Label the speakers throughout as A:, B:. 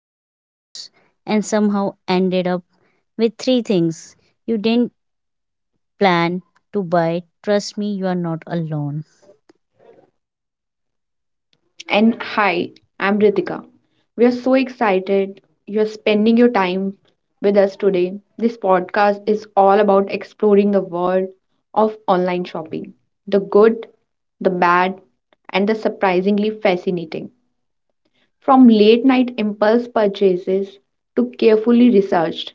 A: to browse and somehow ended up with three things you didn't plan to buy, trust me, you are not alone.
B: And hi, I'm Ritika. We are so excited you're spending your time with us today. This podcast is all about exploring the world of online shopping, the good, the bad, and the surprisingly fascinating. From late night impulse purchases to carefully researched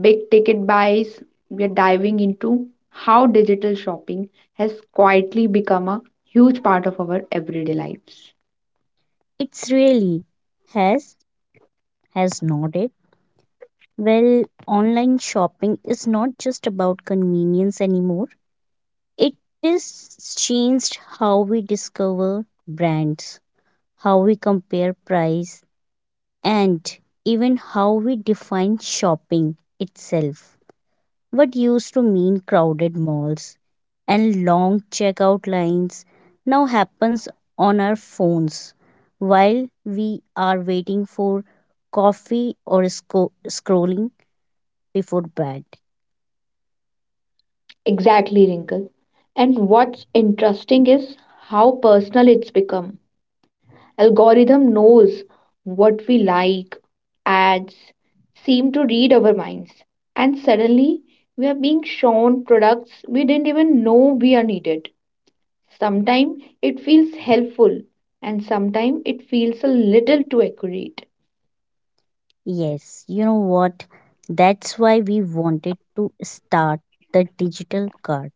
B: big ticket buys, we are diving into how digital shopping has quietly become a huge part of our everyday lives.
A: It's really has has nodded. Well, online shopping is not just about convenience anymore. It is changed how we discover brands, how we compare price, and even how we define shopping itself. What used to mean crowded malls and long checkout lines now happens on our phones while we are waiting for coffee or scrolling before bed.
B: Exactly, Wrinkle. And what's interesting is how personal it's become. Algorithm knows what we like, ads seem to read our minds, and suddenly we are being shown products we didn't even know we are needed. Sometimes it feels helpful, and sometimes it feels a little too accurate.
A: Yes, you know what? That's why we wanted to start the digital cart,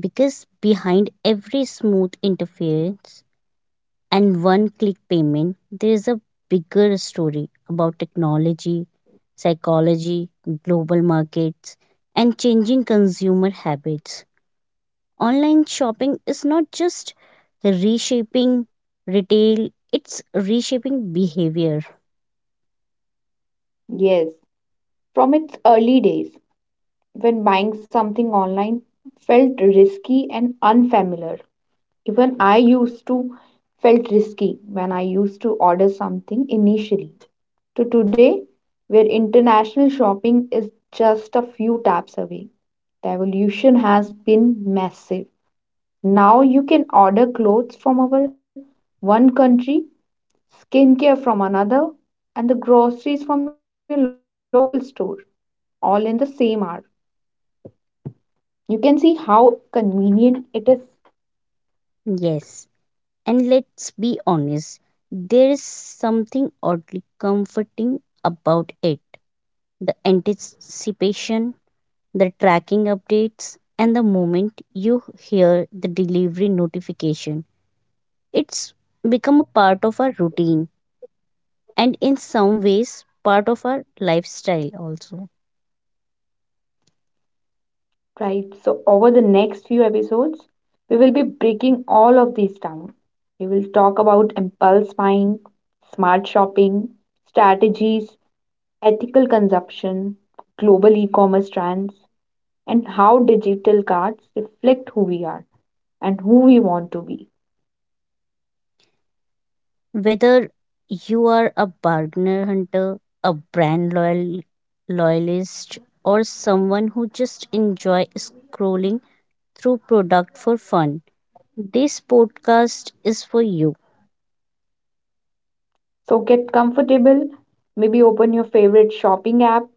A: because behind every smooth interface and one click payment, there is a bigger story about technology, psychology, global markets, and changing consumer habits. Online shopping is not just reshaping retail, it's reshaping behavior.
B: Yes, from its early days, when buying something online felt risky and unfamiliar. Even I used to felt risky when I used to order something initially. To today, where international shopping is just a few taps away, the evolution has been massive. Now you can order clothes from over one country, skincare from another, and the groceries from your local store all in the same hour. You can see how convenient it is,
A: Yes, and let's be honest, there is something oddly comforting about it. The anticipation, the tracking updates, and the moment you hear the delivery notification. It's become a part of our routine and, in some ways, part of our lifestyle also.
B: right? So, over the next few episodes, we will be breaking all of these down. We will talk about impulse buying, smart shopping, strategies, ethical consumption, global e commerce trends, and how digital cards reflect who we are and who we want to be.
A: Whether you are a bargainer hunter, a brand loyal, loyalist, or someone who just enjoy scrolling through product for fun, this podcast is for you.
B: So get comfortable, maybe open your favorite shopping app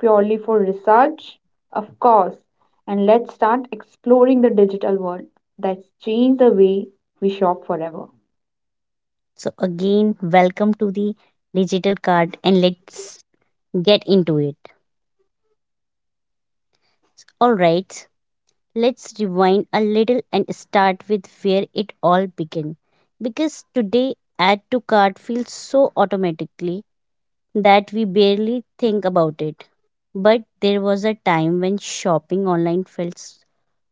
B: purely for research, of course, and let's start exploring the digital world that's changed the way we shop forever.
A: So, again, welcome to the digital card, and let's get into it. Alright, let's rewind a little and start with where it all began. Because today, add to cart feels so automatically that we barely think about it. But there was a time when shopping online felt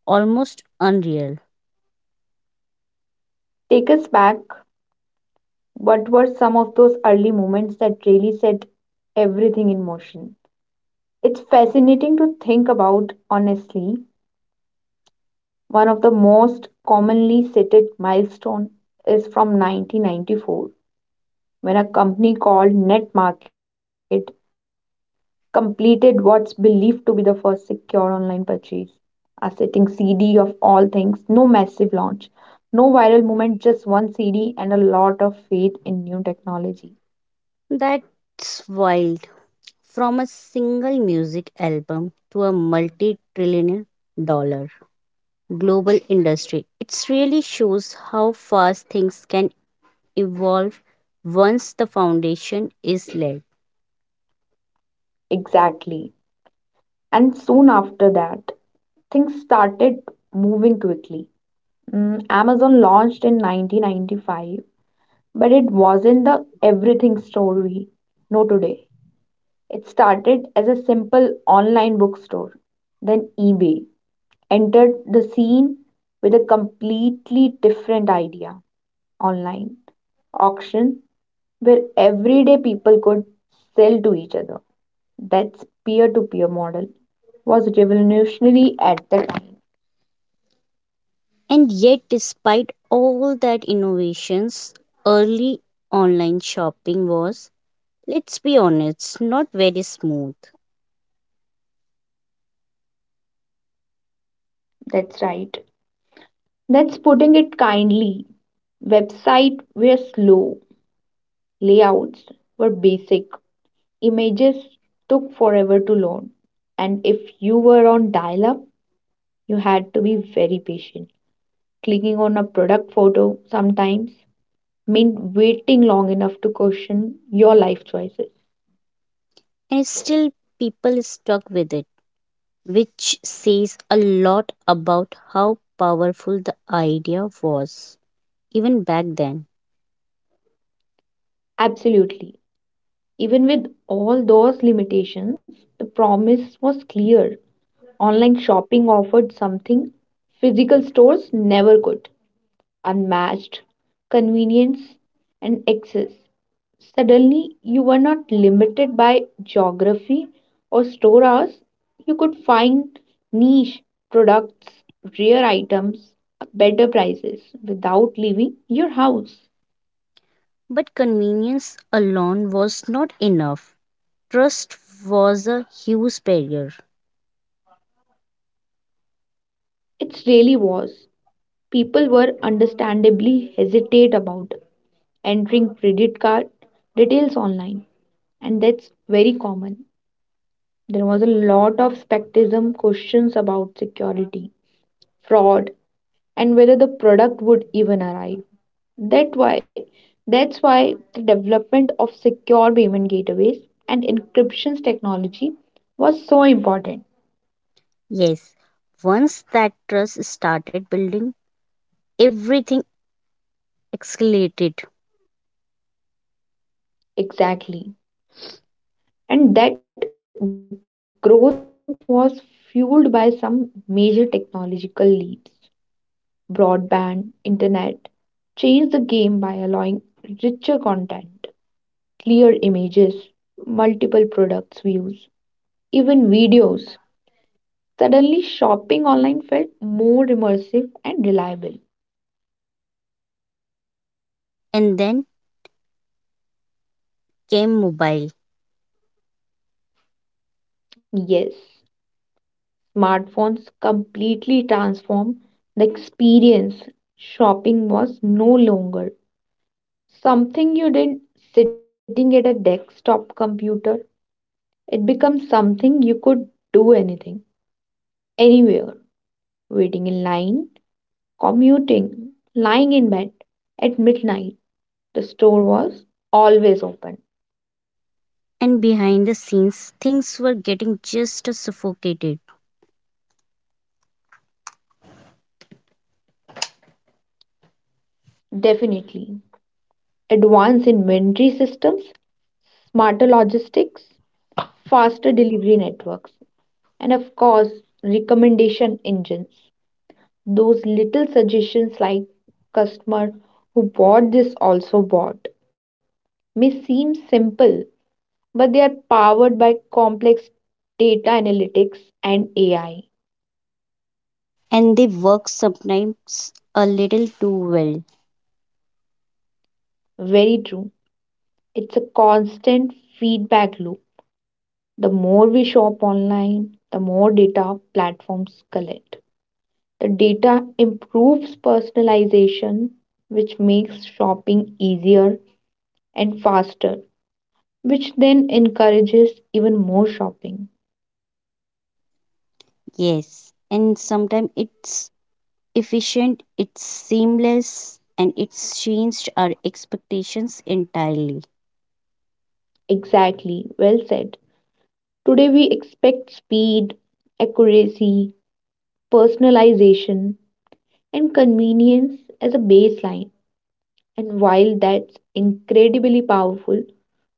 A: almost unreal.
B: Take us back. What were some of those early moments that really set everything in motion? It's fascinating to think about, honestly. One of the most commonly cited milestone is from 1994, when a company called NetMarket completed what's believed to be the first secure online purchase, a sitting CD of all things, no massive launch, no viral movement, just one CD and a lot of faith in new technology.
A: That's wild. From a single music album to a multi trillion dollar global industry, it really shows how fast things can evolve once the foundation is laid.
B: Exactly. And soon after that, things started moving quickly. Amazon launched in 1995, but it wasn't the everything store we know today. It started as a simple online bookstore, then eBay entered the scene with a completely different idea, online auction where everyday people could sell to each other. That's peer to peer model was revolutionary at the time.
A: And yet, despite all that innovations, early online shopping was, let's be honest, not very smooth.
B: That's right, that's putting it kindly. Websites were slow, layouts were basic, images took forever to load, and if you were on dial up, you had to be very patient. Clicking on a product photo sometimes mean waiting long enough to question your life choices.
A: And still, people stuck with it, which says a lot about how powerful the idea was, even back then.
B: Absolutely. Even with all those limitations, the promise was clear. Online shopping offered something physical stores never could. Unmatched convenience and access. Suddenly, you were not limited by geography or store hours. You could find niche products, rare items, at better prices without leaving your house.
A: But convenience alone was not enough. Trust was a huge barrier.
B: It really was. People were understandably hesitate about entering credit card details online, and that's very common. There was a lot of skepticism, questions about security, fraud, and whether the product would even arrive. That why, that's why the development of secure payment gateways and encryption technology was so important.
A: Yes, once that trust started building, everything escalated.
B: Exactly. And that growth was fueled by some major technological leaps. Broadband internet changed the game by allowing richer content, clear images, multiple products views, even videos. Suddenly, shopping online felt more immersive and reliable.
A: And then came mobile.
B: Yes, smartphones completely transformed the experience. Shopping was no longer something you did sitting at a desktop computer. It becomes something you could do anything, anywhere, waiting in line, commuting, lying in bed at midnight. The store was always open.
A: And behind the scenes, things were getting just as suffocated.
B: Definitely. Advanced inventory systems, smarter logistics, faster delivery networks, and of course, recommendation engines. Those little suggestions like "customer who bought this also bought" may seem simple, but they are powered by complex data analytics and AI.
A: And they work sometimes a little too well.
B: Very true. It's a constant feedback loop. The more we shop online, the more data platforms collect. The data improves personalization, which makes shopping easier and faster, which then encourages even more shopping.
A: Yes. And sometimes it's efficient, it's seamless, and it's changed our expectations entirely.
B: Exactly, well said. Today we expect speed, accuracy, personalization, and convenience as a baseline. And while that's incredibly powerful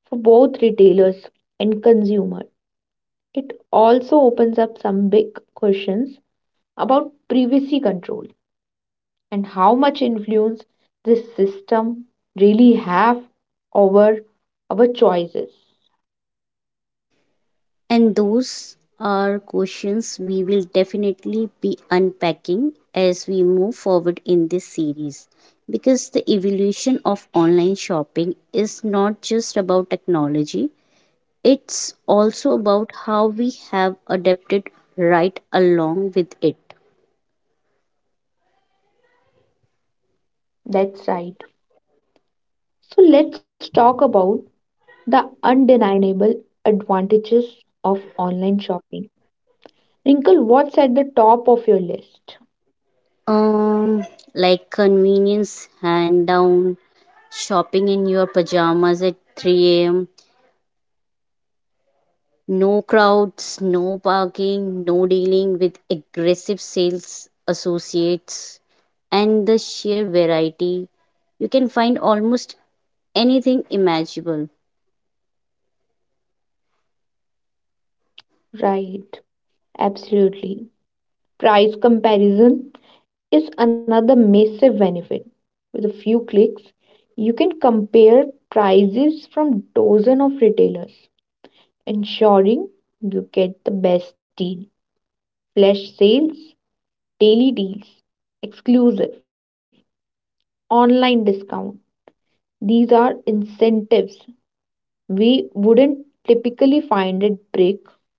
B: for both retailers and consumers, it also opens up some big questions about privacy control and how much influence this system really have over our choices.
A: And those are questions we will definitely be unpacking as we move forward in this series. Because the evolution of online shopping is not just about technology, it's also about how we have adapted right along with it.
B: That's right. So let's talk about the undeniable advantages of online shopping. Wrinkle, what's at the top of your list?
A: Um, like convenience hand down, shopping in your pajamas at 3 a.m., no crowds, no parking, no dealing with aggressive sales associates, and the sheer variety. You can find almost anything imaginable.
B: Right, absolutely. Price comparison is another massive benefit. With a few clicks, you can compare prices from dozen of retailers, ensuring you get the best deal. Flash sales, daily deals, exclusive online discount. These are incentives we wouldn't typically find at brick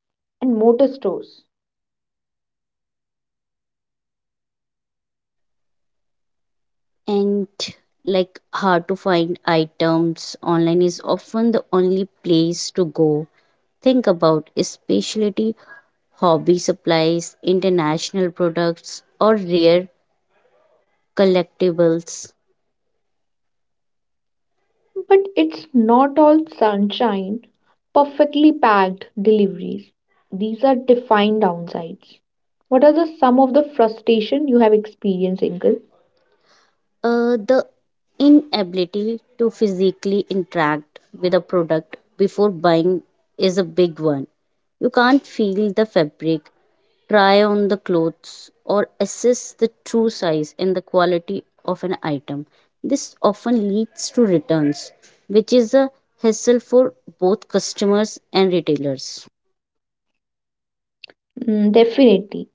B: and mortar stores.
A: And like hard to find items, online is often the only place to go. Think about a specialty hobby supplies, international products, or rare collectibles.
B: But it's not all sunshine, perfectly packed deliveries. These are defined downsides. What are the some of the frustration you have experienced, Inkle?
A: The inability to physically interact with a product before buying is a big one. You can't feel the fabric, try on the clothes, or assess the true size and the quality of an item. This often leads to returns, which is a hassle for both customers and retailers.
B: Mm, definitely.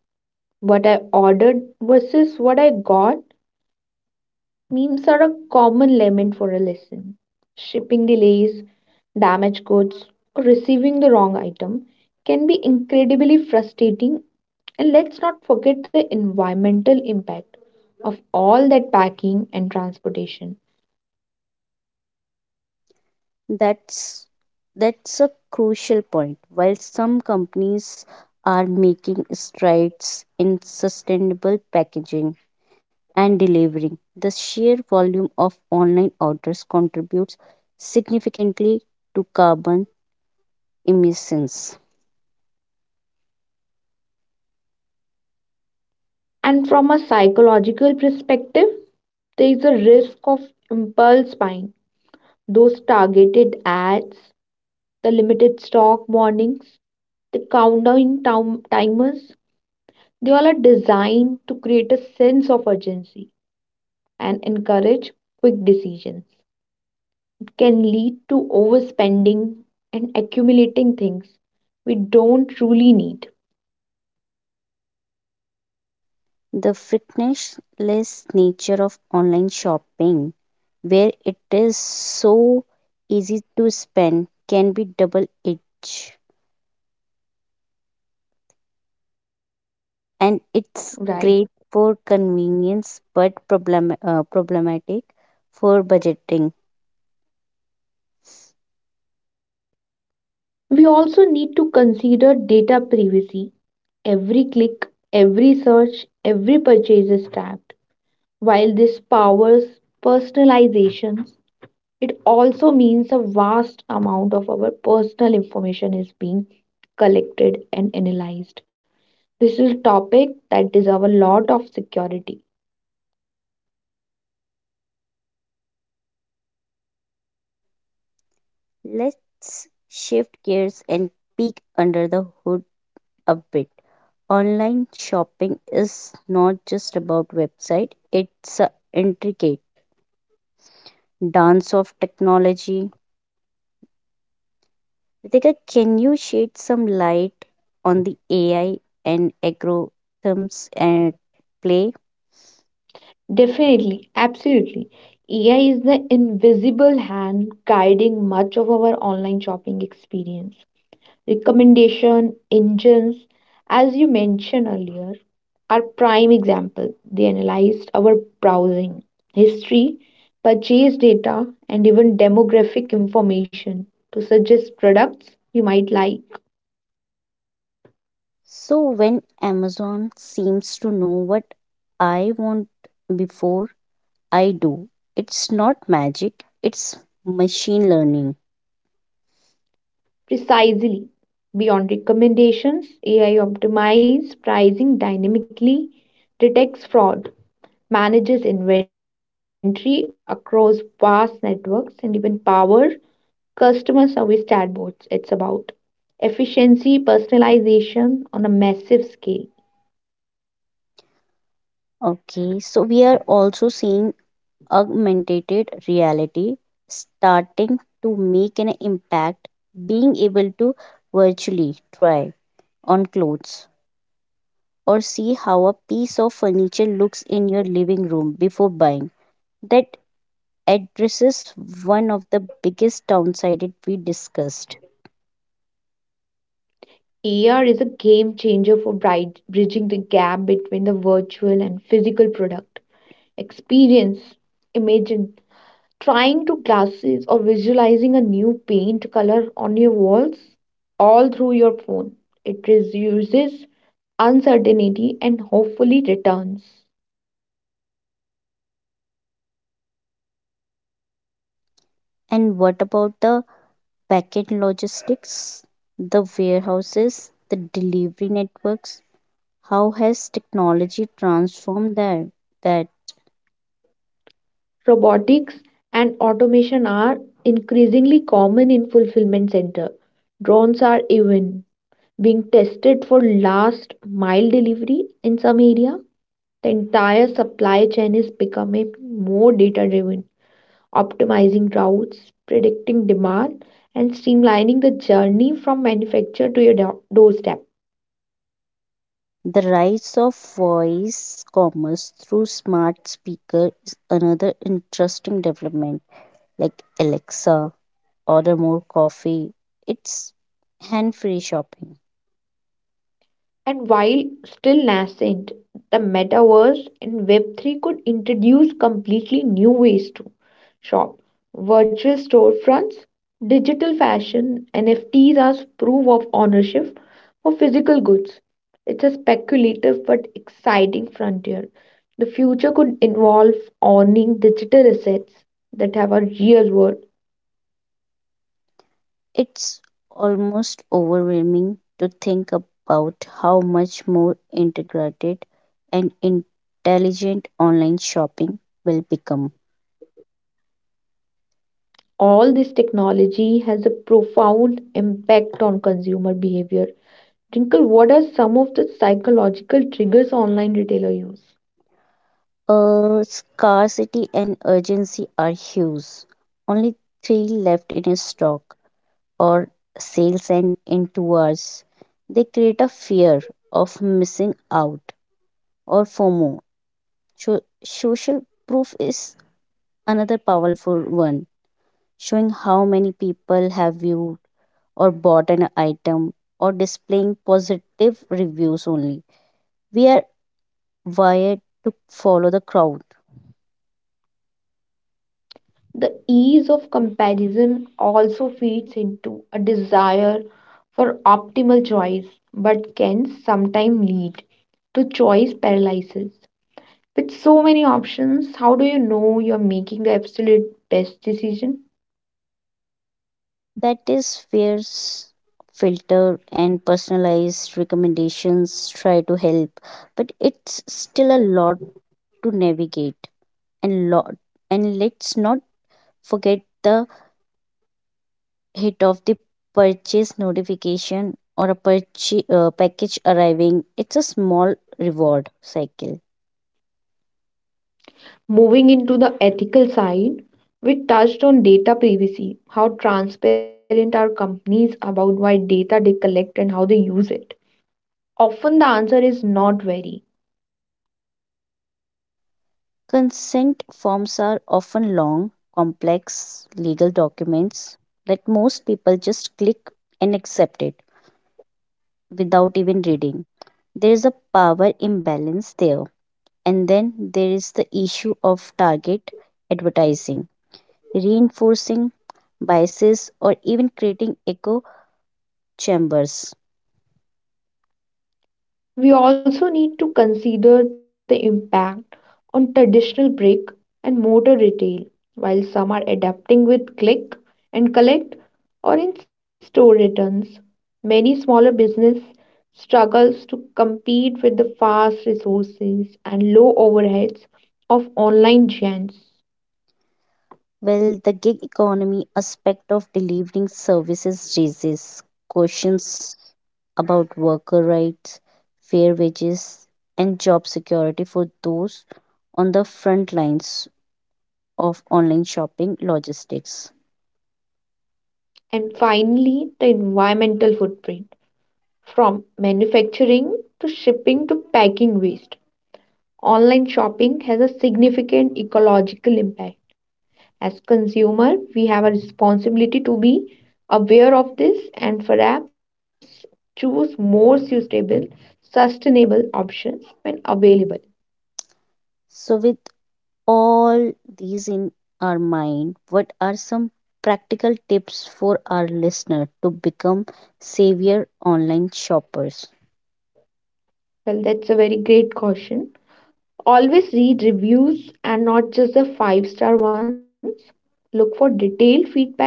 B: "What I ordered versus what I got" memes are a common lament for a lesson. Shipping delays, damaged goods, or receiving the wrong item can be incredibly frustrating. And let's not forget the environmental impact of all that packing and transportation.
A: That's that's a crucial point. While some companies are making strides in sustainable packaging and delivering, the sheer volume of online orders contributes significantly to carbon emissions.
B: And from a psychological perspective, there is a risk of impulse buying, those targeted ads, the limited stock warnings, the countdown timers. They all are designed to create a sense of urgency and encourage quick decisions. It can lead to overspending and accumulating things we don't truly need.
A: The frictionless nature of online shopping, where it is so easy to spend, can be double edged. And it's
B: Right.
A: great for convenience, but problematic for budgeting.
B: We also need to consider data privacy. Every click, every search, every purchase is tracked. While this powers personalizations, it also means a vast amount of our personal information is being collected and analyzed. This is a topic that deserves a lot of security.
A: Let's shift gears and peek under the hood a bit. Online shopping is not just about website, it's an intricate dance of technology. Ritika, can you shed some light on the AI and algorithms at play?
B: Definitely, absolutely. AI is the invisible hand guiding much of our online shopping experience. Recommendation engines, as you mentioned earlier, are prime example. They analyzed our browsing history, purchase data, and even demographic information to suggest products you might like.
A: So when Amazon seems to know what I want before I do, it's not magic, it's machine learning.
B: Precisely, beyond recommendations, AI optimizes pricing dynamically, detects fraud, manages inventory across vast networks, and even powers customer service chatbots. It's about efficiency, personalization on a massive scale.
A: Okay, so we are also seeing augmented reality starting to make an impact, being able to virtually try on clothes or see how a piece of furniture looks in your living room before buying. That addresses one of the biggest downsides we discussed.
B: AR is a game changer for bridging the gap between the virtual and physical product experience. Imagine trying to glasses or visualizing a new paint color on your walls all through your phone. It reduces uncertainty and hopefully returns.
A: And what about the backend logistics, the warehouses, the delivery networks? How has technology transformed that? That
B: Robotics and automation are increasingly common in fulfillment center. Drones are even being tested for last mile delivery in some area. The entire supply chain is becoming more data driven, optimizing routes, predicting demand, and streamlining the journey from manufacture to your doorstep.
A: the rise of voice commerce through smart speaker is another interesting development. Like Alexa, order more coffee. It's hand-free shopping.
B: And while still nascent, the metaverse and Web3 could introduce completely new ways to shop. Virtual storefronts, digital fashion, NFTs as proof of ownership for physical goods. It's a speculative but exciting frontier. The future could involve owning digital assets that have a real world.
A: It's almost overwhelming to think about how much more integrated and intelligent online shopping will become.
B: All this technology has a profound impact on consumer behavior. Jinkle, what are some of the psychological triggers online retailer use?
A: Scarcity and urgency are huge. Only three left in a stock, or sales end in 2 hours. They create a fear of missing out, or FOMO. So, social proof is another powerful one, showing how many people have viewed or bought an item, or displaying positive reviews only. We are wired to follow the crowd.
B: The ease of comparison also feeds into a desire for optimal choice, but can sometimes lead to choice paralysis. With so many options, how do you know you're making the absolute best decision?
A: That is where filter and personalized recommendations try to help, but it's still a lot to navigate and lot. And let's not forget the hit of the purchase notification, or a purchase package arriving. It's a small reward cycle.
B: Moving into the ethical side, we touched on data privacy. How transparent are companies about what data they collect and how they use it? Often the answer is not very.
A: Consent forms are often long, complex legal documents that most people just click and accept it without even reading. There is a power imbalance there. And then there is the issue of target advertising, reinforcing biases, or even creating echo chambers.
B: We also need to consider the impact on traditional brick and mortar retail. While some are adapting with click and collect or in store returns, many smaller business struggles to compete with the fast resources and low overheads of online giants.
A: Well, the gig economy aspect of delivering services raises questions about worker rights, fair wages, and job security for those on the front lines of online shopping logistics.
B: And finally, the environmental footprint from manufacturing to shipping to packing waste. Online shopping has a significant ecological impact. As consumer, we have a responsibility to be aware of this and perhaps choose more suitable, sustainable options when available.
A: So, with all these in our mind, what are some practical tips for our listener to become savior online shoppers?
B: Well, that's a very great caution. Always read reviews and not just the five-star ones. Look for detailed feedback,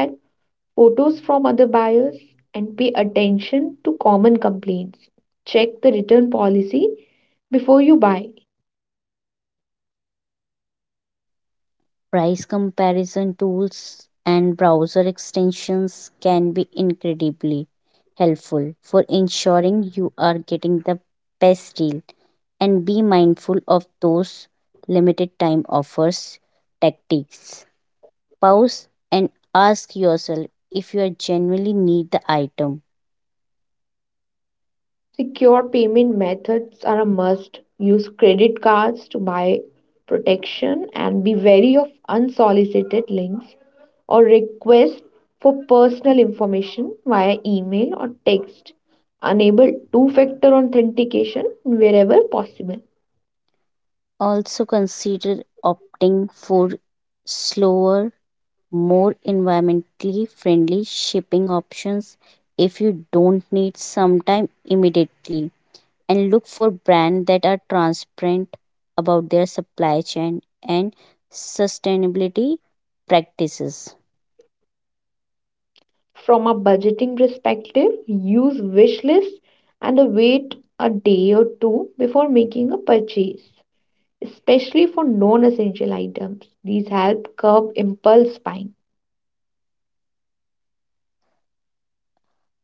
B: photos from other buyers, and pay attention to common complaints. Check the return policy before you buy.
A: Price comparison tools and browser extensions can be incredibly helpful for ensuring you are getting the best deal. And be mindful of those limited time offers tactics. Pause and ask yourself if you genuinely need the item.
B: Secure payment methods are a must. Use credit cards to buy protection and be wary of unsolicited links or requests for personal information via email or text. Enable two factor authentication wherever possible.
A: Also consider opting for slower, more environmentally friendly shipping options if you don't need sometime immediately, and look for brands that are transparent about their supply chain and sustainability practices.
B: From a budgeting perspective, use wish lists and await a day or two before making a purchase, especially for non essential items. These help curb impulse buying.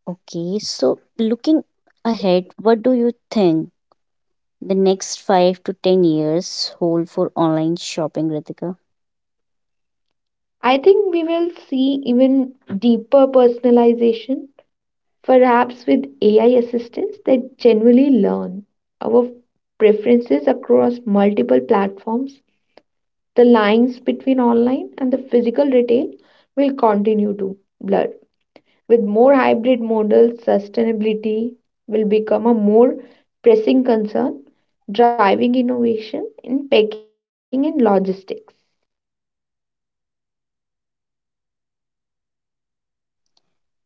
A: Okay, so looking ahead, what do you think the next 5 to 10 years hold for online shopping, Ritika?
B: I think we will see even deeper personalization, perhaps with AI assistants that genuinely learn our preferences across multiple platforms. The lines between online and the physical retail will continue to blur. With more hybrid models, sustainability will become a more pressing concern, driving innovation in packing and logistics.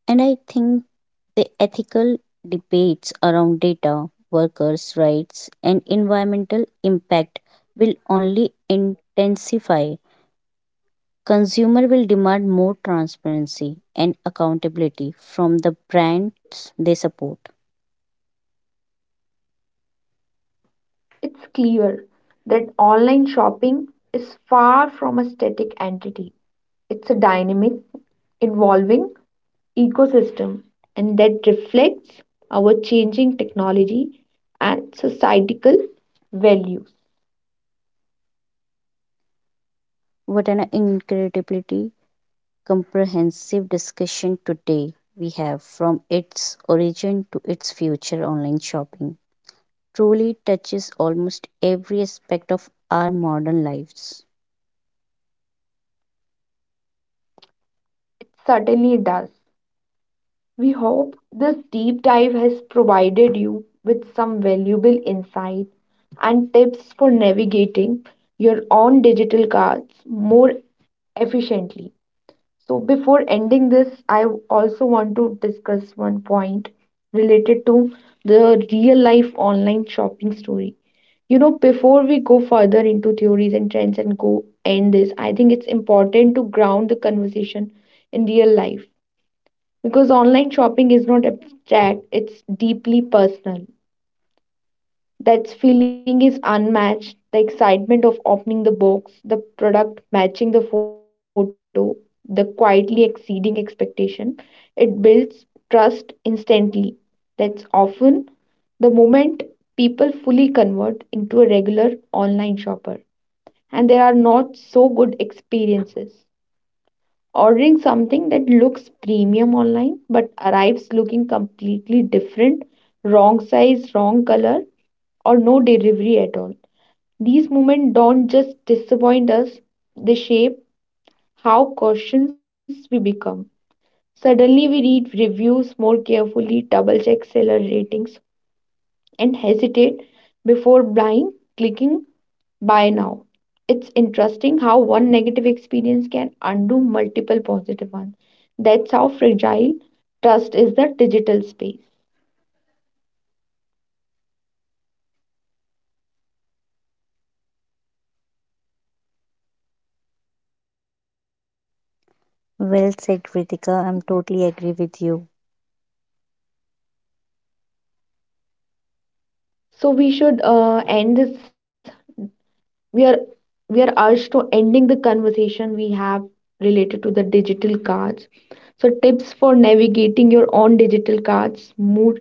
A: And I think the ethical debates around data, workers' rights, and environmental impact will only intensify. Consumer will demand more transparency and accountability from the brands they support.
B: It's clear that online shopping is far from a static entity. It's a dynamic, evolving ecosystem, and that reflects our changing technology and societal values.
A: What an incredibly comprehensive discussion today we have, from its origin to its future online shopping. Truly touches almost every aspect of our modern lives.
B: It certainly does. We hope this deep dive has provided you with some valuable insight and tips for navigating your own digital cards more efficiently. So, before ending this, I also want to discuss one point related to the real life online shopping story. You know, before we go further into theories and trends and go end this, I think it's important to ground the conversation in real life, because online shopping is not abstract, it's deeply personal. That feeling is unmatched. The excitement of opening the box, the product matching the photo, the quietly exceeding expectation, it builds trust instantly. That's often the moment people fully convert into a regular online shopper. And there are not so good experiences. Ordering something that looks premium online but arrives looking completely different, wrong size, wrong color, or no delivery at all. These moments don't just disappoint us, they shape how cautious we become. Suddenly, we read reviews more carefully, double check seller ratings, and hesitate before buying, clicking by now. It's interesting how one negative experience can undo multiple positive ones. That's how fragile trust is the digital space.
A: Well said, Kritika. I'm totally agree with you.
B: So we should end this. We are we are urged to ending the conversation we have related to the digital cards. So tips for navigating your own digital cards more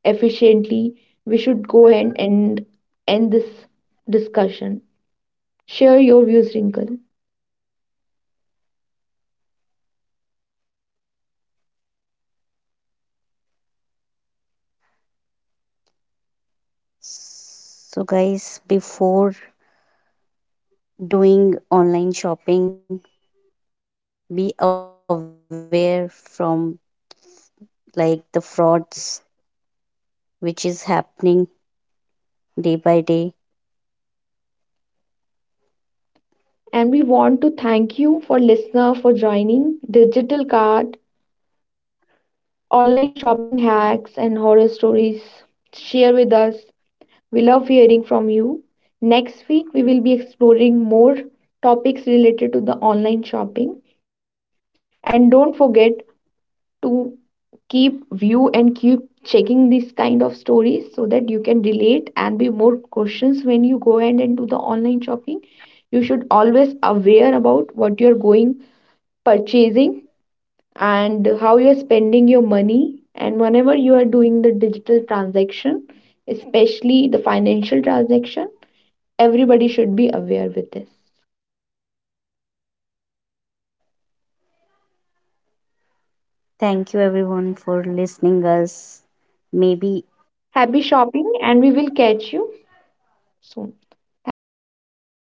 B: efficiently. We should go ahead and end this discussion. Share your views, Wrinkle.
A: So, guys, before doing online shopping, be aware from like the frauds which is happening day by day.
B: And we want to thank you for listener for joining digital cart. Online shopping hacks and horror stories, share with us. We love hearing from you. Next week we will be exploring more topics related to the online shopping. And don't forget to keep view and keep checking these kind of stories, so that you can relate and be more questions when you go ahead and do the online shopping. You should always aware about what you're going purchasing and how you're spending your money. And whenever you are doing the digital transaction, especially the financial transaction, everybody should be aware with this.
A: Thank you everyone for listening us. Maybe
B: Happy shopping, and we will catch you soon. Thank you.
A: thank you.